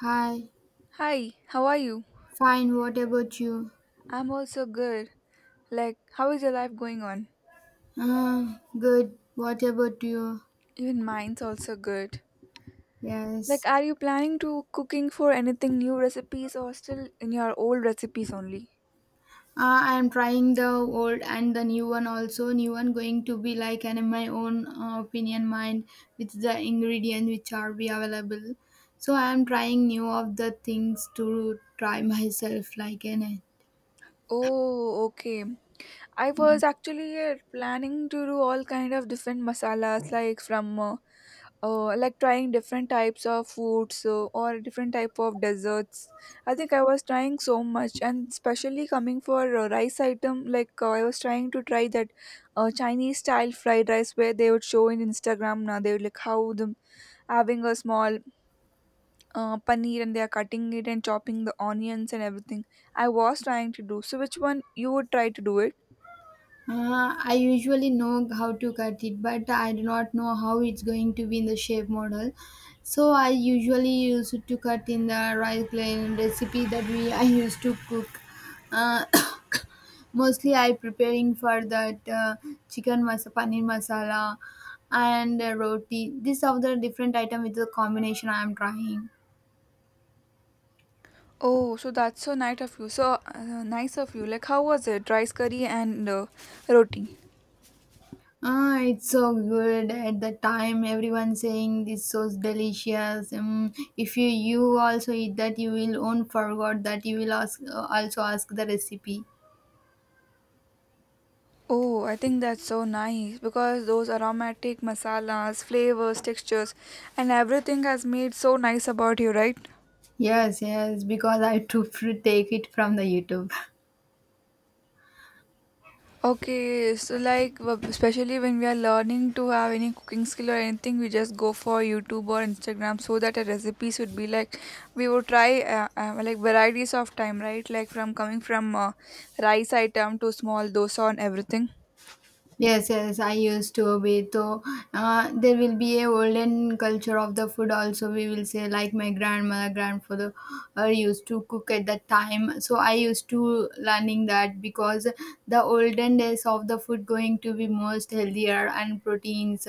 Hi, Hi, how are you? fine. What about you? I'm also good. Like, how is your life going on? Good. What about you? Even mine's also good. Like, Yes. are you planning to cooking for anything new recipes or still in your old recipes only? I'm trying the old and the new one also. New one going to be like an in my own opinion mind with the ingredient which are be available. So I'm trying new of the things to try myself like an Oh, okay. I was actually planning to do all kind of different masalas like from like trying different types of foods or different type of desserts. I think I was trying so much, and especially coming for a rice item like, I was trying to try that chinese style fried rice where they would show in instagram. Now they would like how them having a small paneer, and they are cutting it and chopping the onions and everything. I was trying to do so. Which one you would try to do it? I usually know how to cut it, but I do not know how it's going to be in the shape model. So I usually use it to cut in the rice grain recipe that we I used to cook. Uh, mostly I preparing for that chicken masa paneer masala and roti. These are the different item with the combination I am trying. Oh, so that's so nice of you. So nice of you. Like, how was it? Rice curry and roti? Ah, it's so good. At the time, everyone saying this so delicious. If you also eat that, you will won't forgot that you will ask also ask the recipe. Oh, I think that's so nice because those aromatic masalas, flavors, textures, and everything has made so nice about you, right? Yes, yes, because I took take it from the YouTube. Okay, so like especially when we are learning to have any cooking skill or anything, we just go for YouTube or Instagram so that our recipes would be like we would try like varieties of time, right? Like from coming from rice item to small dosa and everything. Yes, yes, I used to be. So there will be a olden culture of the food also. We will say like my grandmother, grandfather used to cook at that time. So I used to learning that because the olden days of the food going to be most healthier and proteins.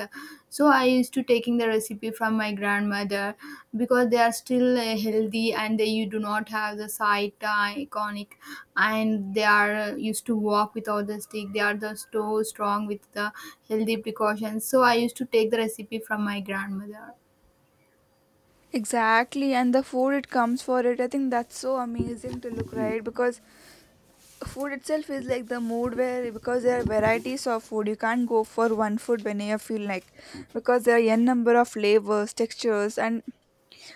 So I used to taking the recipe from my grandmother because they are still healthy and they, you do not have the sight iconic, and they are used to walk without the stick. They are the so strong with the healthy precautions, so I used to take the recipe from my grandmother. Exactly, and the food it comes for it, I think that's so amazing to look right because food itself is like the mood where, because there are varieties of food, you can't go for one food when you feel like, because there are n number of flavors, textures, and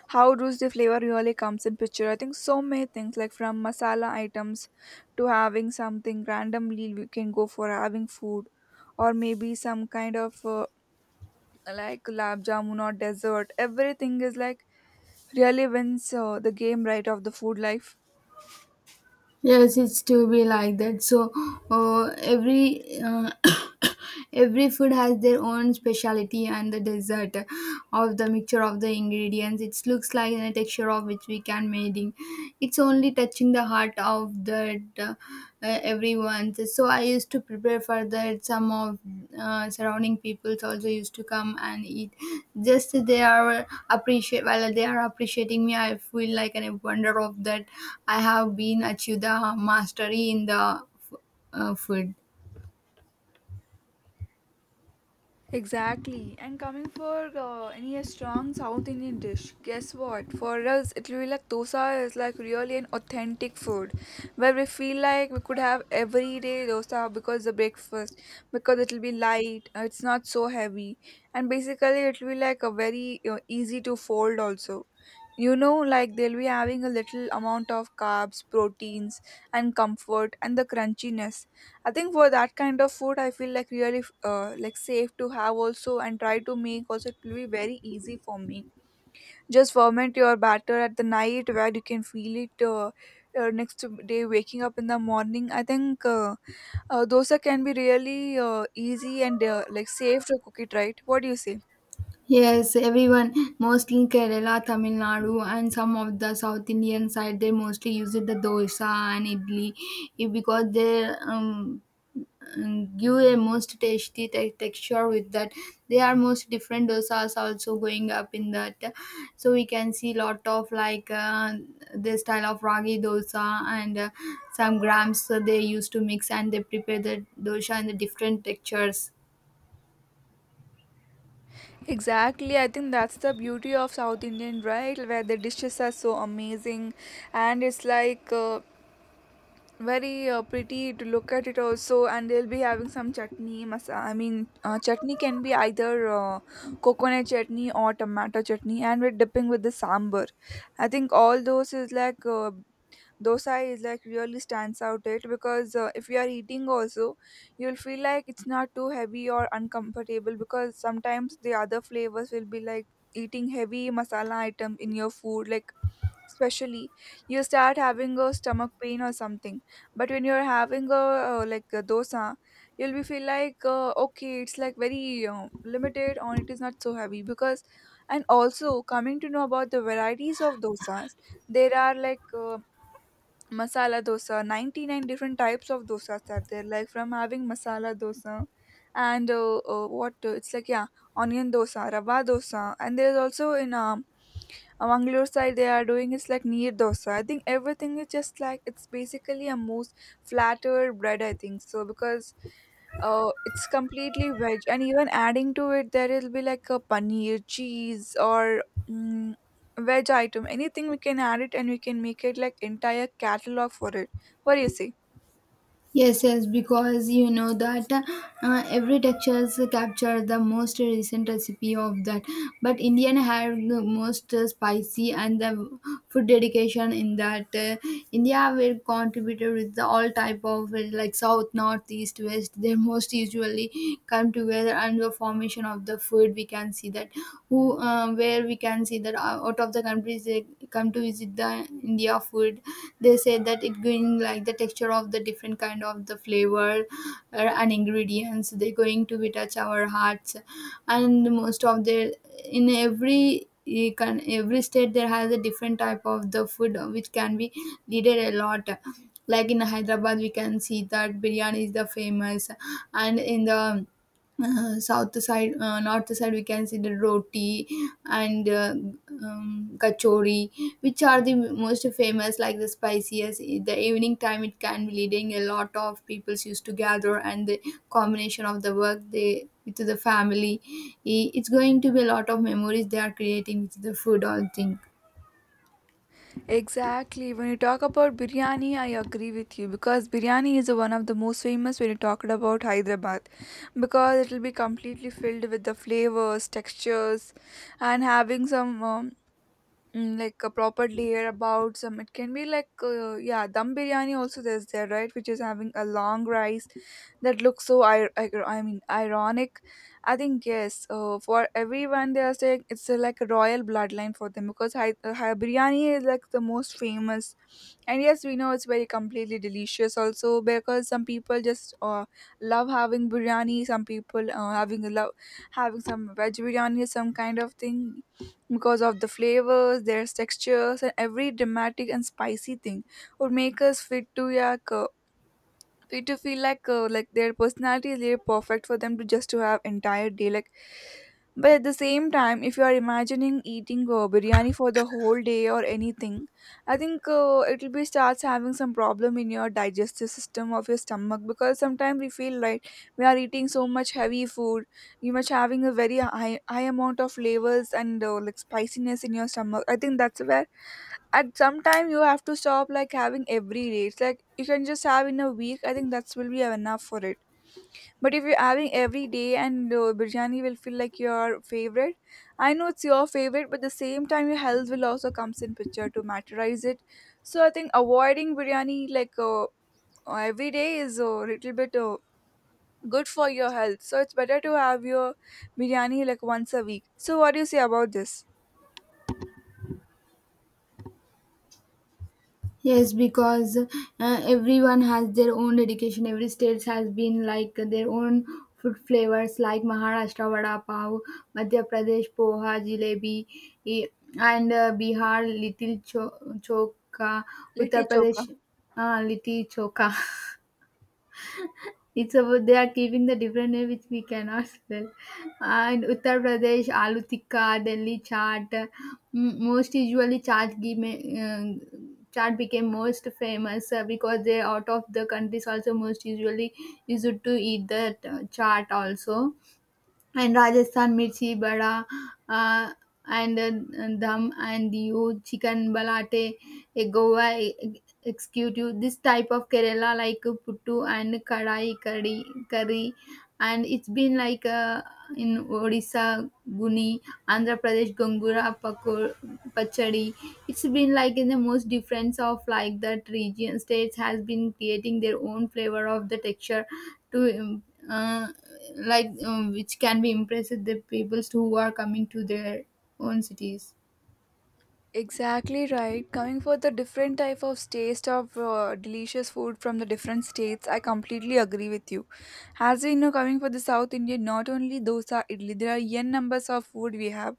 how does the flavor really comes in picture. I think so many things, like from masala items to having something randomly, we can go for having food, or maybe some kind of like gulab jamun or dessert. Everything is like really wins the game, right, of the food life. Yes, it's to be like that. So every every food has their own speciality, and the dessert of the mixture of the ingredients, it looks like in a texture of which we can made in, it's only touching the heart of that every. So I used to prepare for that. Some of surrounding peoples also used to come and eat. Just they are appreciate. While they are appreciating me, I feel like an wonder of that. I have been achieved the mastery in the f- food. Exactly. And coming for any a strong South Indian dish, guess what? For us, it will be like dosa is like really an authentic food where we feel like we could have every day dosa because the breakfast, because it will be light, it's not so heavy, and basically it will be like a very you easy to fold also. You know, like they'll be having a little amount of carbs, proteins, and comfort, and the crunchiness. I think for that kind of food, I feel like really like safe to have also, and try to make also it will be very easy for me. Just ferment your batter at the night where you can feel it next day waking up in the morning. I think dosa can be really easy and like safe to cook it, right. What do you say? Yes, everyone, mostly Kerala, Tamil Nadu, and some of the South Indian side, they mostly use it the dosa and idli, because they give a most tasty texture with that. They are most different dosas also going up in that, so we can see lot of like the style of ragi dosa and some grams that they used to mix, and they prepare the dosha in the different textures. Exactly, I think that's the beauty of South Indian, right? Where the dishes are so amazing, and it's like very pretty to look at it also, and they'll be having some chutney masa, I mean, chutney can be either coconut chutney or tomato chutney, and we're dipping with the sambar. I think all those is like, dosa is like really stands out it, because if you are eating also, you'll feel like it's not too heavy or uncomfortable because sometimes the other flavors will be like eating heavy masala item in your food, like especially you start having a stomach pain or something. But when you're having a like a dosa, you'll be feel like, okay, it's like very limited, or it is not so heavy because. And also coming to know about the varieties of dosas, there are like, masala dosa, 99 different types of dosas are there, like from having masala dosa and what, it's like, yeah, onion dosa, rava dosa, and there's also in Mangalore side they are doing is like neer dosa. I think everything is just like it's basically a most flatter bread. I think so because it's completely veg, and even adding to it there will be like a paneer cheese, or mm veg item, anything we can add it, and we can make it like entire catalog for it. What do you say? Yes, yes, because you know that every textures capture the most recent recipe of that. But Indian have the most spicy and the food dedication in that. India will contribute with the all type of like south, north, east, west. Their most usually come together, and the formation of the food we can see that, who where we can see that out of the countries they come to visit the India food. They say that it going like the texture of the different kind of the flavor and ingredients, they're going to be touch our hearts. And most of their, in every, you can, every state there has a different type of the food which can be needed a lot, like in Hyderabad we can see that biryani is the famous, and in the south side, north side we can see the roti and kachori, which are the most famous like the spiciest. In the evening time it can be leading a lot of people used to gather, and the combination of the work they with the family, it's going to be a lot of memories they are creating with the food all thing. Exactly. When you talk about biryani, I agree with you, because biryani is one of the most famous when you talked about hyderabad, because it will be completely filled with the flavors, textures, and having some like a proper layer about some, it can be like, yeah, dum biryani also there's there, right, which is having a long rice that looks so I mean ironic. I think yes, for everyone they are saying it's like a royal bloodline for them because hi, hi biryani is like the most famous, and yes we know it's very completely delicious also because some people just love having biryani, some people having a love having some veg biryani, some kind of thing, because of the flavors, their textures, and every dramatic and spicy thing would make us fit to yak. So it to feel like their personality is really perfect for them to just to have entire day, like but at the same time if you are imagining eating biryani for the whole day or anything, I think it will be starts having some problem in your digestive system of your stomach because sometimes we feel like we are eating so much heavy food, you much having a very high amount of flavors and like spiciness in your stomach. I think that's where at some time you have to stop like having every day, it's like you can just have in a week. I think that's will be enough for it. But if you're having every day, and biryani will feel like your favorite, I know it's your favorite but the same time your health will also comes in picture to materialize it. So I think avoiding biryani like every day is a little bit good for your health, so it's better to have your biryani like once a week. So what do you say about this Yes, because everyone has their own dedication. Every state has been like their own food flavors, like Maharashtra vada pav, Madhya Pradesh poha, jalebi, eh, and Bihar little choka, litti Uttar choka? Pradesh little choka. It's about they are keeping the different name which we cannot spell. And Uttar Pradesh, aloo tikka, Delhi chaat. Most usually, chaat give uh, chaat became most famous because they out of the countries also most usually used to eat the chaat also, and Rajasthan mirchi bada uh, and dham and you chicken balate, a Goa executive. This type of Kerala like puttu and kadai curry curry, and it's been like in Odisha guni, Andhra Pradesh gongura pakor, pachadi. It's been like in the most difference of like that region states has been creating their own flavor of the texture to uh, like which can be impressive the people who are coming to their own cities. Exactly right. Coming for the different type of taste of delicious food from the different states, I completely agree with you. As we know, coming for the South Indian, not only dosa, idli, there are n numbers of food we have.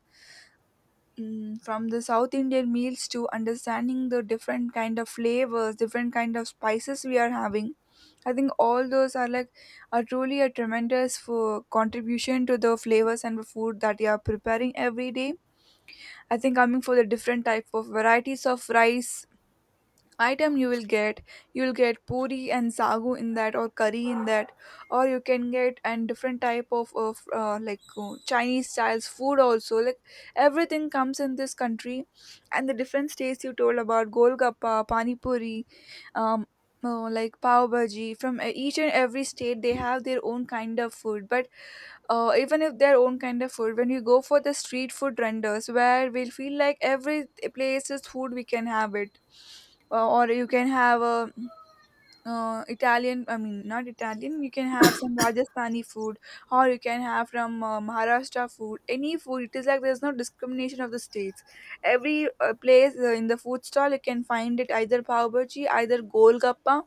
Mm, from the South Indian meals to understanding the different kind of flavors, different kind of spices we are having. I think all those are like are truly a tremendous for contribution to the flavors and the food that you are preparing every day. I think coming for the different type of varieties of rice item you will get, you'll get puri and sagu in that, or curry in that, or you can get and different type of like chinese styles food also, like everything comes in this country. And the different states you told about golgappa, pani puri, um like pav bhaji from each and every state they have their own kind of food. But even if their own kind of food, when you go for the street food renders, where we'll feel like every place is food we can have it, or you can have a italian, I mean not italian, you can have some rajasthani food, or you can have from maharashtra food, any food, it is like there's no discrimination of the states. Every place in the food stall you can find it either pav bhaji, either golgappa,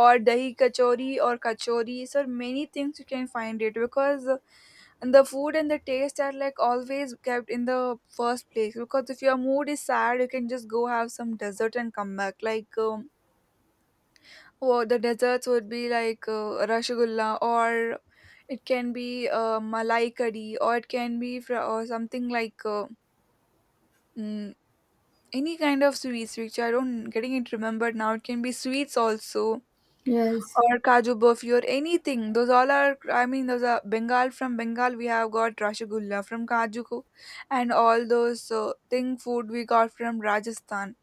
or dahi kachori, or kachori, so many things you can find it, because and the food and the taste are like always kept in the first place. Because if your mood is sad, you can just go have some dessert and come back like, oh, the desserts would be like rasgulla, or it can be malai curry, or it can be or something like mm, any kind of sweets which I don't getting it remembered now, it can be sweets also, Yes. or Kaju Burfi or anything. Those all are, I mean, those are Bengal. From Bengal, we have got Rasgulla from Kaju, and all those thing food we got from Rajasthan.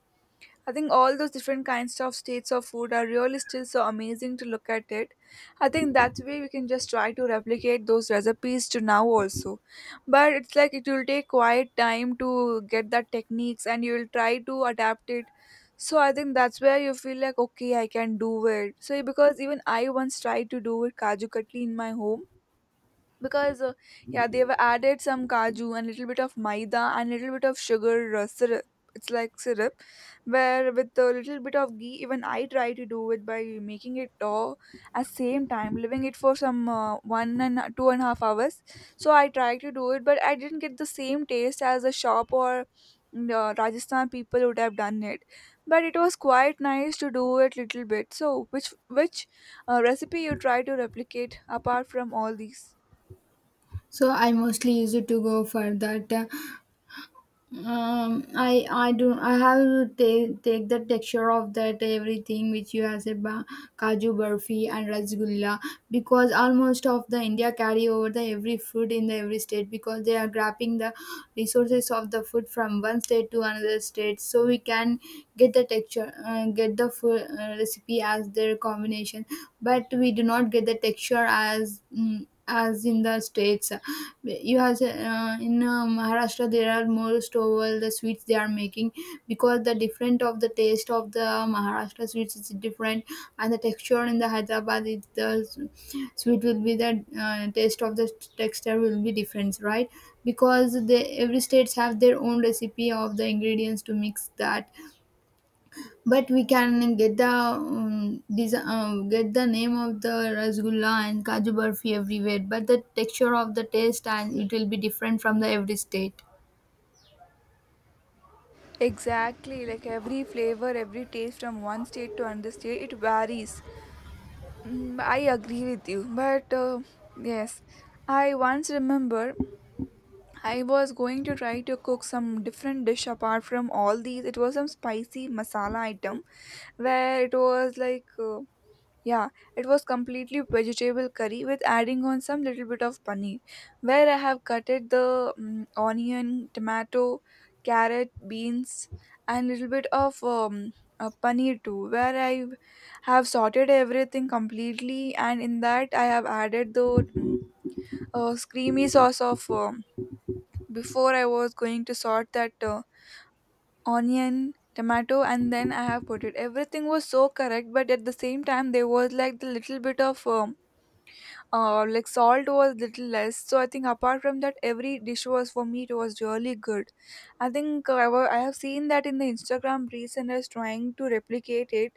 I think all those different kinds of states of food are really still so amazing to look at it. I think that way we can just try to replicate those recipes to now also. But it's like it will take quite time to get that techniques and you will try to adapt it. So I think that's where you feel like okay I can do it. So because even I once tried to do it kaju katli in my home because yeah, they've added some kaju and little bit of maida and little bit of sugar syrup. It's like syrup, where with a little bit of ghee even I try to do it by making it dough, at same time leaving it for some 2.5 hours. So I tried to do it, but I didn't get the same taste as a shop or Rajasthan people would have done it. But it was quite nice to do it little bit. So which recipe you try to replicate apart from all these? So I mostly use it to go for that I do I have to take the texture of that everything which you have said kaju barfi and rasgulla, because almost of the India carry over the every food in the every state, because they are grabbing the resources of the food from one state to another state, so we can get the texture, get the food recipe as their combination, but we do not get the texture as mm as in the states. You have in Maharashtra there are most over the sweets they are making, because the different of the taste of the Maharashtra sweets is different, and the texture in the Hyderabad is the sweet will be the taste of the texture will be different, right? Because they every states have their own recipe of the ingredients to mix that, but we can get the desi, get the name of the rasgulla and kaju barfi everywhere, but the texture of the taste and it will be different from the every state. Exactly, like every flavor, every taste from one state to another state, it varies. Mm, I agree with you, but yes, I once remember I was going to try to cook some different dish apart from all these. It was some spicy masala item where it was like yeah, it was completely vegetable curry with adding on some little bit of paneer, where I have cutted the onion, tomato, carrot, beans, and little bit of paneer too, where I have sorted everything completely, and in that I have added the creamy sauce of before I was going to sort that onion, tomato, and then I have put it. Everything was so correct, but at the same time, there was like the little bit of like salt was little less. So I think apart from that every dish was for me, it was really good. I think I have seen that in the Instagram reels and I was trying to replicate it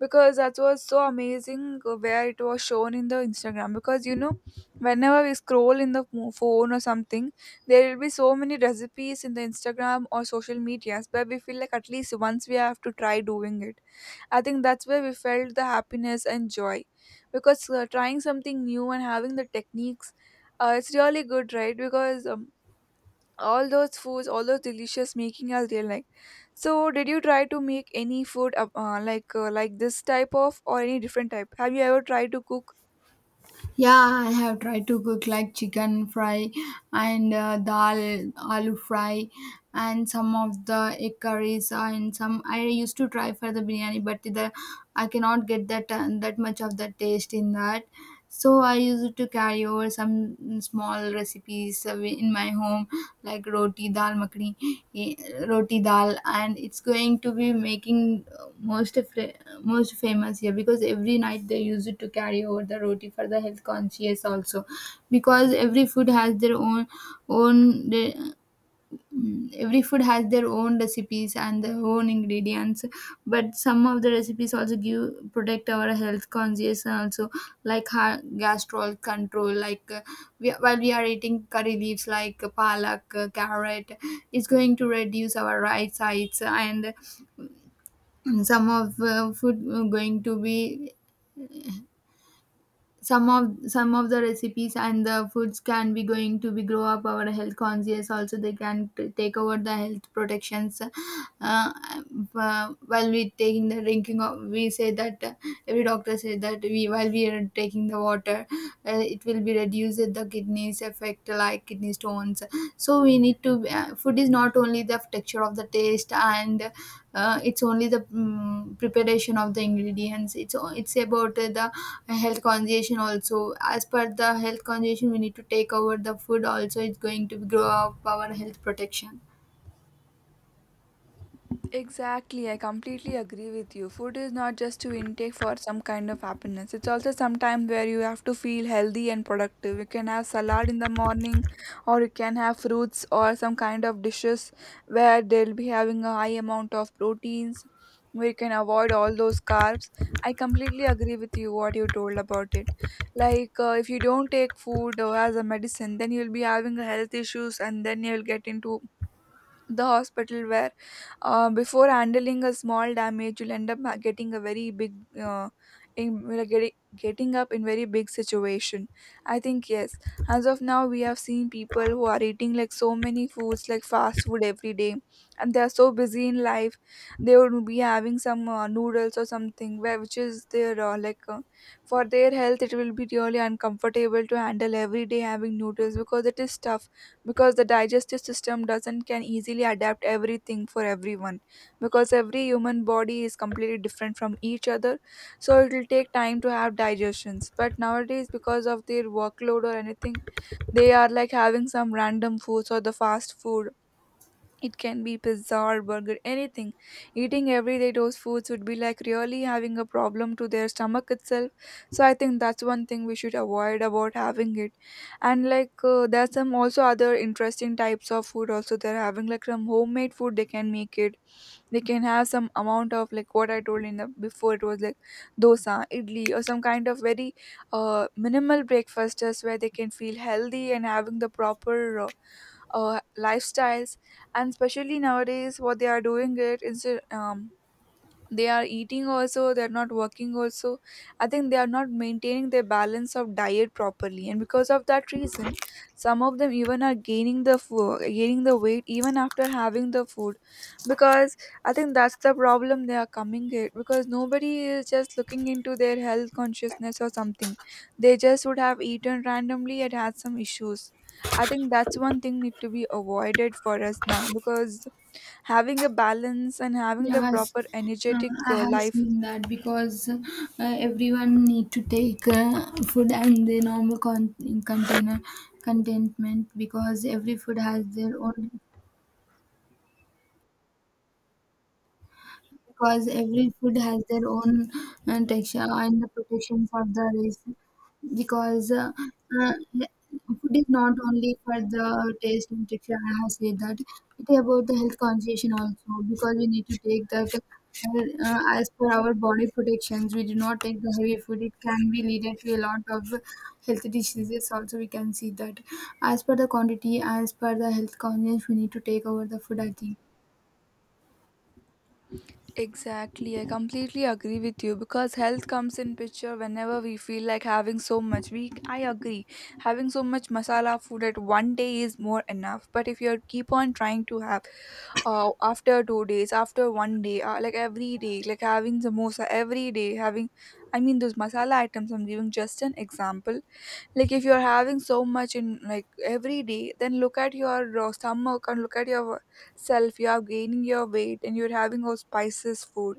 because that was so amazing where it was shown in the Instagram because whenever we scroll in the phone or something, there will be so many recipes in the Instagram or social medias where we feel like at least once we have to try doing it. I think that's where we felt the happiness and joy because trying something new and having the techniques, it's really good, right? Because all those foods, all those delicious, making us real like. So, did you try to make any food like this type of or any different type? Have you ever tried to cook? Yeah, I have tried to cook like chicken fry and dal, aloo fry, and some of the egg curries, and some I used to try for the biryani, but the I cannot get that that much of the taste in that. So I used to carry over some small recipes in my home, like roti dal makhni, eh, roti dal, and it's going to be making most of the most famous here, because every night they use it to carry over the roti for the health conscious also, because every food has their own own. Mm, every food has their own recipes and their own ingredients, but some of the recipes also give protect our health conscious, and also like gastrol control like while we are eating curry leaves like palak, carrot, it's going to reduce our right sides. And some of food going to be, some of the recipes and the foods can be going to be grow up our health conscious also. They can take over the health protections, while we taking the drinking of, we say that every doctor said that we, while we are taking the water, it will be reduced the kidneys effect like kidney stones. So we need to, food is not only the texture of the taste and it's only the mm preparation of the ingredients. It's it's about the a health conversation also. As per the health conversation, we need to take over the food also. It's going to grow up our health protection. Exactly, I completely agree with you. Food is not just to intake for some kind of happiness. It's also some where you have to feel healthy and productive. You can have salad in the morning, or you can have fruits or some kind of dishes where they'll be having a high amount of proteins, where you can avoid all those carbs. I completely agree with you what you told about it. Like if you don't take food as a medicine, then you'll be having health issues, and then you'll get into the hospital where before handling a small damage you'll end up getting a very big in, like, getting getting up in very big situation. I think yes, as of now we have seen people who are eating like so many foods like fast food every day, and they are so busy in life. They would be having some noodles or something, where which is their for their health it will be really uncomfortable to handle every day having noodles because it is tough. Because the digestive system doesn't can easily adapt everything for everyone, because every human body is completely different from each other, so it will take time to have digestions. But nowadays because of their workload or anything, they are like having some random foods or the fast food. It can be pizza or burger, anything. Eating every day those foods would be like really having a problem to their stomach itself. So I think that's one thing we should avoid about having it. And like there's some also other interesting types of food also they're having, like some homemade food they can make it. They can have some amount of like what I told in the before. It was like dosa, idli or some kind of very minimal breakfasters where they can feel healthy and having the proper lifestyles. And especially nowadays what they are doing it instead, they are eating also they're not working also. I think they are not maintaining their balance of diet properly, and because of that reason some of them even are gaining the food gaining the weight even after having the food. Because I think that's the problem they are coming at, because nobody is just looking into their health consciousness or something. They just would have eaten randomly and had some issues. I think that's one thing need to be avoided for us now, because having a balance and having the Yes, proper uh, energetic I have life. seen that, because everyone need to take food and the normal in container contentment, because every food has their own, because every food has their own texture and the protection for the race, because uh, food is not only for the taste and texture. I have said that it is about the health conscious also, because we need to take that as per our body protections. We do not take the heavy food. It can be leaded to a lot of health diseases also, we can see that. As per the quantity, as per the health conscious, we need to take over the food, I think. Exactly, I completely agree with you because health comes in picture whenever we feel like having so much, we, I agree having so much masala food at one day is more enough. But if you keep on trying to have, after 2 days after one day, like every day, like having samosa every day having, I mean those masala items, I'm giving just an example. Like if you're having so much in like every day, then look at your stomach and look at your self you are gaining your weight and you're having all spices food.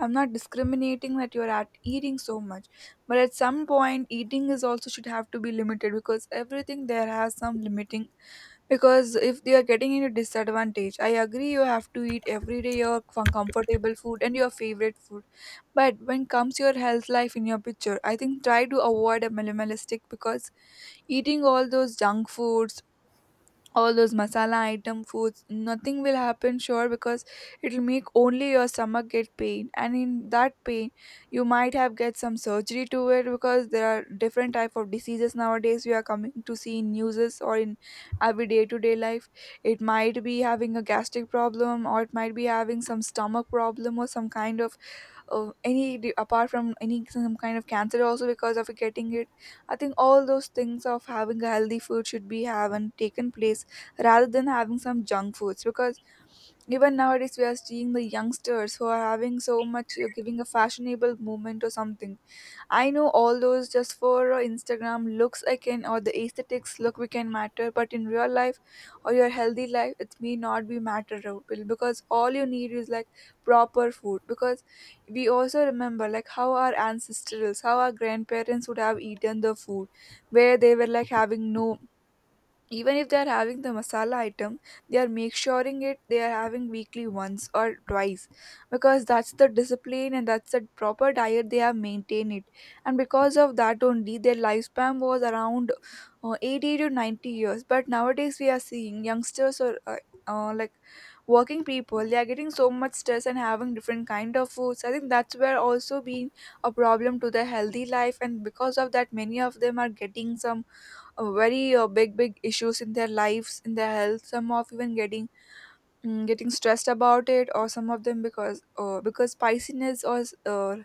I'm not discriminating that you're at eating so much, but at some point eating is also should have to be limited, because everything there has some limiting. Because if they are getting into disadvantage, I agree you have to eat every day your comfortable food and your favorite food. But when comes your health life in your picture, I think try to avoid a minimalistic, because eating all those junk foods, all those masala item foods, nothing will happen sure, because it'll make only your stomach get pain, and in that pain you might have get some surgery to it, because there are different type of diseases nowadays we are coming to see in newses or in every day to day life. It might be having a gastric problem, or it might be having some stomach problem, or some kind of apart from any some kind of cancer also because of getting it. I think all those things of having a healthy food should be have and taken place, rather than having some junk foods. Because even nowadays we are seeing the youngsters who are having so much giving a fashionable movement or something. I know all those just for Instagram looks I can, or the aesthetics look we can matter, but in real life or your healthy life, it may not be matter out, because all you need is like proper food. Because we also remember like how our ancestors, how our grandparents would have eaten the food, where they were like having no, even if they are having the masala item, they are make suring it they are having weekly once or twice, because that's the discipline and that's the proper diet they have maintained it. And because of that only their lifespan was around 80 to 90 years. But nowadays we are seeing youngsters or uh, like working people, they are getting so much stress and having different kind of foods. I think that's where also being a problem to their healthy life, and because of that many of them are getting some very big issues in their lives, in their health. Some of even getting getting stressed about it, or some of them because because spiciness or uh,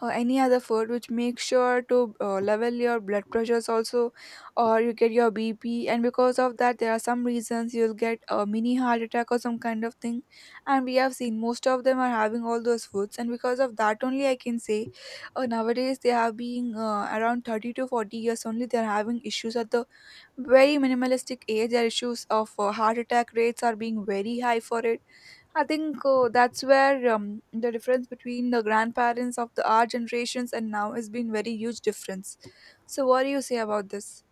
or any other food which make sure to level your blood pressures also, or you get your bp. And because of that there are some reasons you'll get a mini heart attack or some kind of thing. And we have seen most of them are having all those foods, and because of that only I can say nowadays they are being around 30 to 40 years only they are having issues at the very minimalistic age, their issues of heart attack rates are being very high for it. I think that's where the difference between the grandparents of the our generations and now has been very huge difference. So what do you say about this?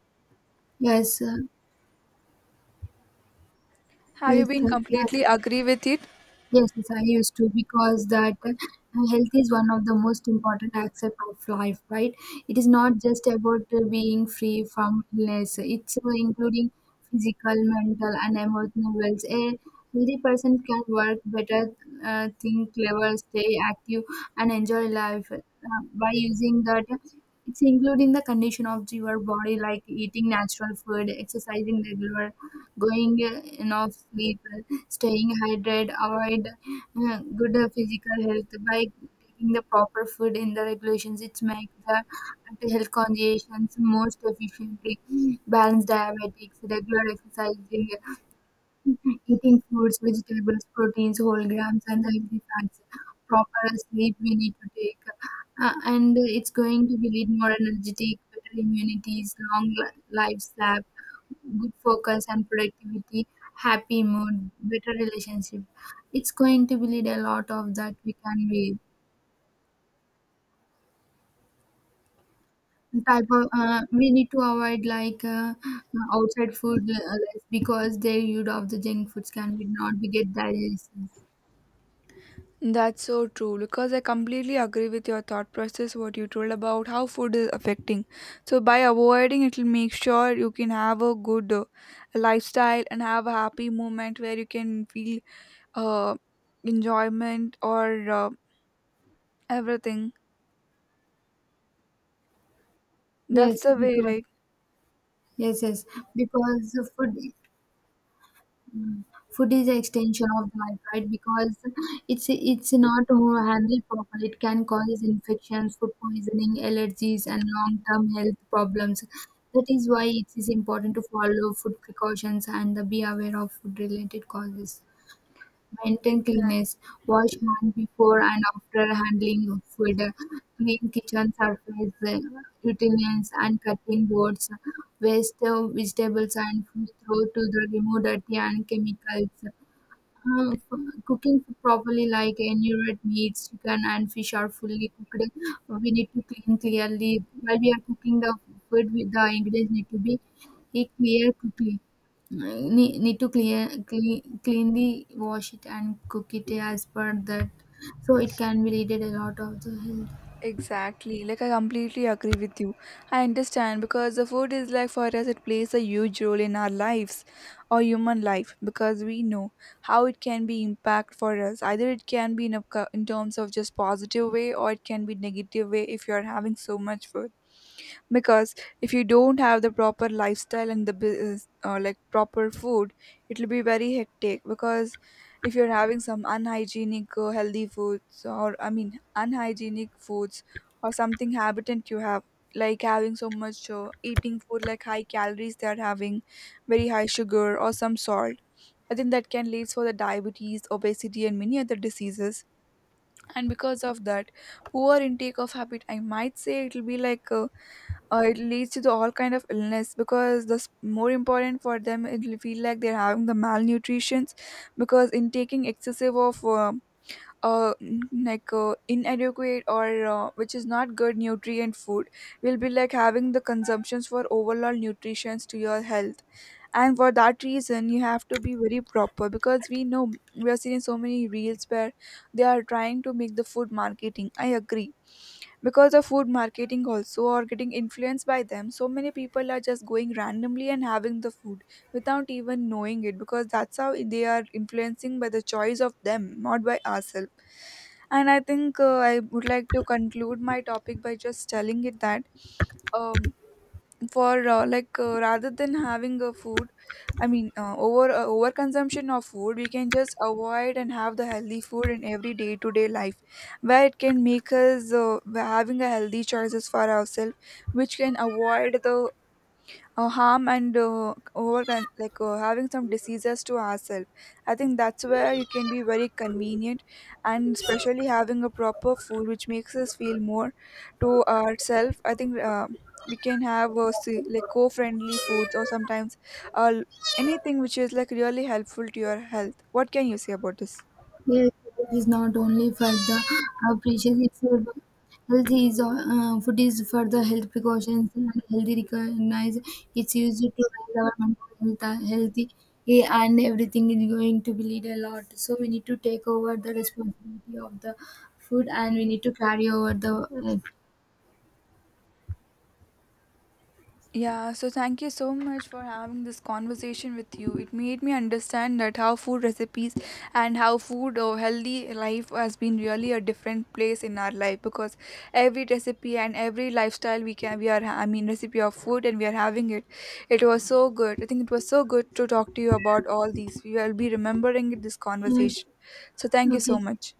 yes uh, Have you been yes. completely agree with it? Yes, yes, I used to, because that health is one of the most important aspect of life, right? It is not just about being free from illness. It's including physical, mental, and emotional wells. A healthy person can work better, think clever, stay active, and enjoy life by using that. It's including the condition of your body, like eating natural food, exercising regular, going enough sleep, staying hydrated, avoid good physical health by taking the proper food in the regulations. It makes the health conscious most efficiently. Balance diabetics, regular exercising, eating includes vegetables, proteins, whole grams, and healthy fats. Proper sleep we need to take, and it's going to be lead more energetic, better immunities, lifespan, good focus and productivity, happy mood, better relationship. It's going to be lead a lot of that we can be type of we need to avoid like outside food, because their use of the junk foods can be not be get digestions. That's so true because I completely agree with your thought process what you told about how food is affecting. So by avoiding it will make sure you can have a good lifestyle and have a happy moment where you can feel uh enjoyment or everything. That's Yes, the way, because, right? yes, yes, because the food is an extension of the life, right? Because it's not handled properly, it can cause infections, food poisoning, allergies, and long-term health problems. That is why it is important to follow food precautions and be aware of food-related causes. Maintain cleanliness. Wash hands before and after handling food. Clean kitchen surface, utensils, and cutting boards. Waste vegetables and fruit throw to the remove dirty and chemicals. For cooking for properly, like any red meats, chicken and fish are fully cooked. We need to clean clearly while we are cooking the food. With the ingredients need to be clear quickly. Need to clear clean, cleanly wash it and cook it as per that, so it can be related a lot of the health. Exactly, like I completely agree with you. I understand because the food is like for us, it plays a huge role in our lives or human life, because we know how it can be impact for us. Either it can be in, a, in terms of just positive way, or it can be negative way if you are having so much food. Because if you don't have the proper lifestyle and the business like proper food, it will be very hectic. Because if you're having some unhygienic healthy foods, or I mean unhygienic foods, or something habitant you have, like having so much eating food like high calories they're having very high sugar or some salt, I think that can lead for the diabetes obesity and many other diseases. And because of that, poor intake of habit I might say it will be like it leads to the all kind of illness, because the more important for them it will feel like they're having the malnutrition, because in taking excessive of inadequate or which is not good nutrient food will be like having the consumptions for overall nutrition to your health. And for that reason you have to be very proper, because we know we are seeing so many reels where they are trying to make the food marketing, I agree, because of food marketing also or getting influenced by them, so many people are just going randomly and having the food without even knowing it, because that's how they are influencing by the choice of them not by ourselves. And I think I would like to conclude my topic by just telling it that um for like rather than having a food, I mean over consumption of food we can just avoid and have the healthy food in every day to day life, where it can make us having a healthy choices for ourselves, which can avoid the harm and over con- like having some diseases to ourselves. I think that's where you can be very convenient, and especially having a proper food which makes us feel more to ourselves. I think we can have co-friendly foods or sometimes uh, anything which is like really helpful to your health. What can you say about this? Health is not only for the precious itself. Health is food is for the health precautions and healthy recognize. It's used to raise our mental health, healthy, and everything is going to be lead a lot. So we need to take over the responsibility of the food, and we need to carry over the uh, Yeah, so thank you so much for having this conversation with you. It made me understand that how food recipes and how food or healthy life has been really a different place in our life, because every recipe and every lifestyle we can I mean recipe of food and we are having it. It was so good. I think it was so good to talk to you about all these. We will be remembering this yes. conversation. So thank you so Okay. much.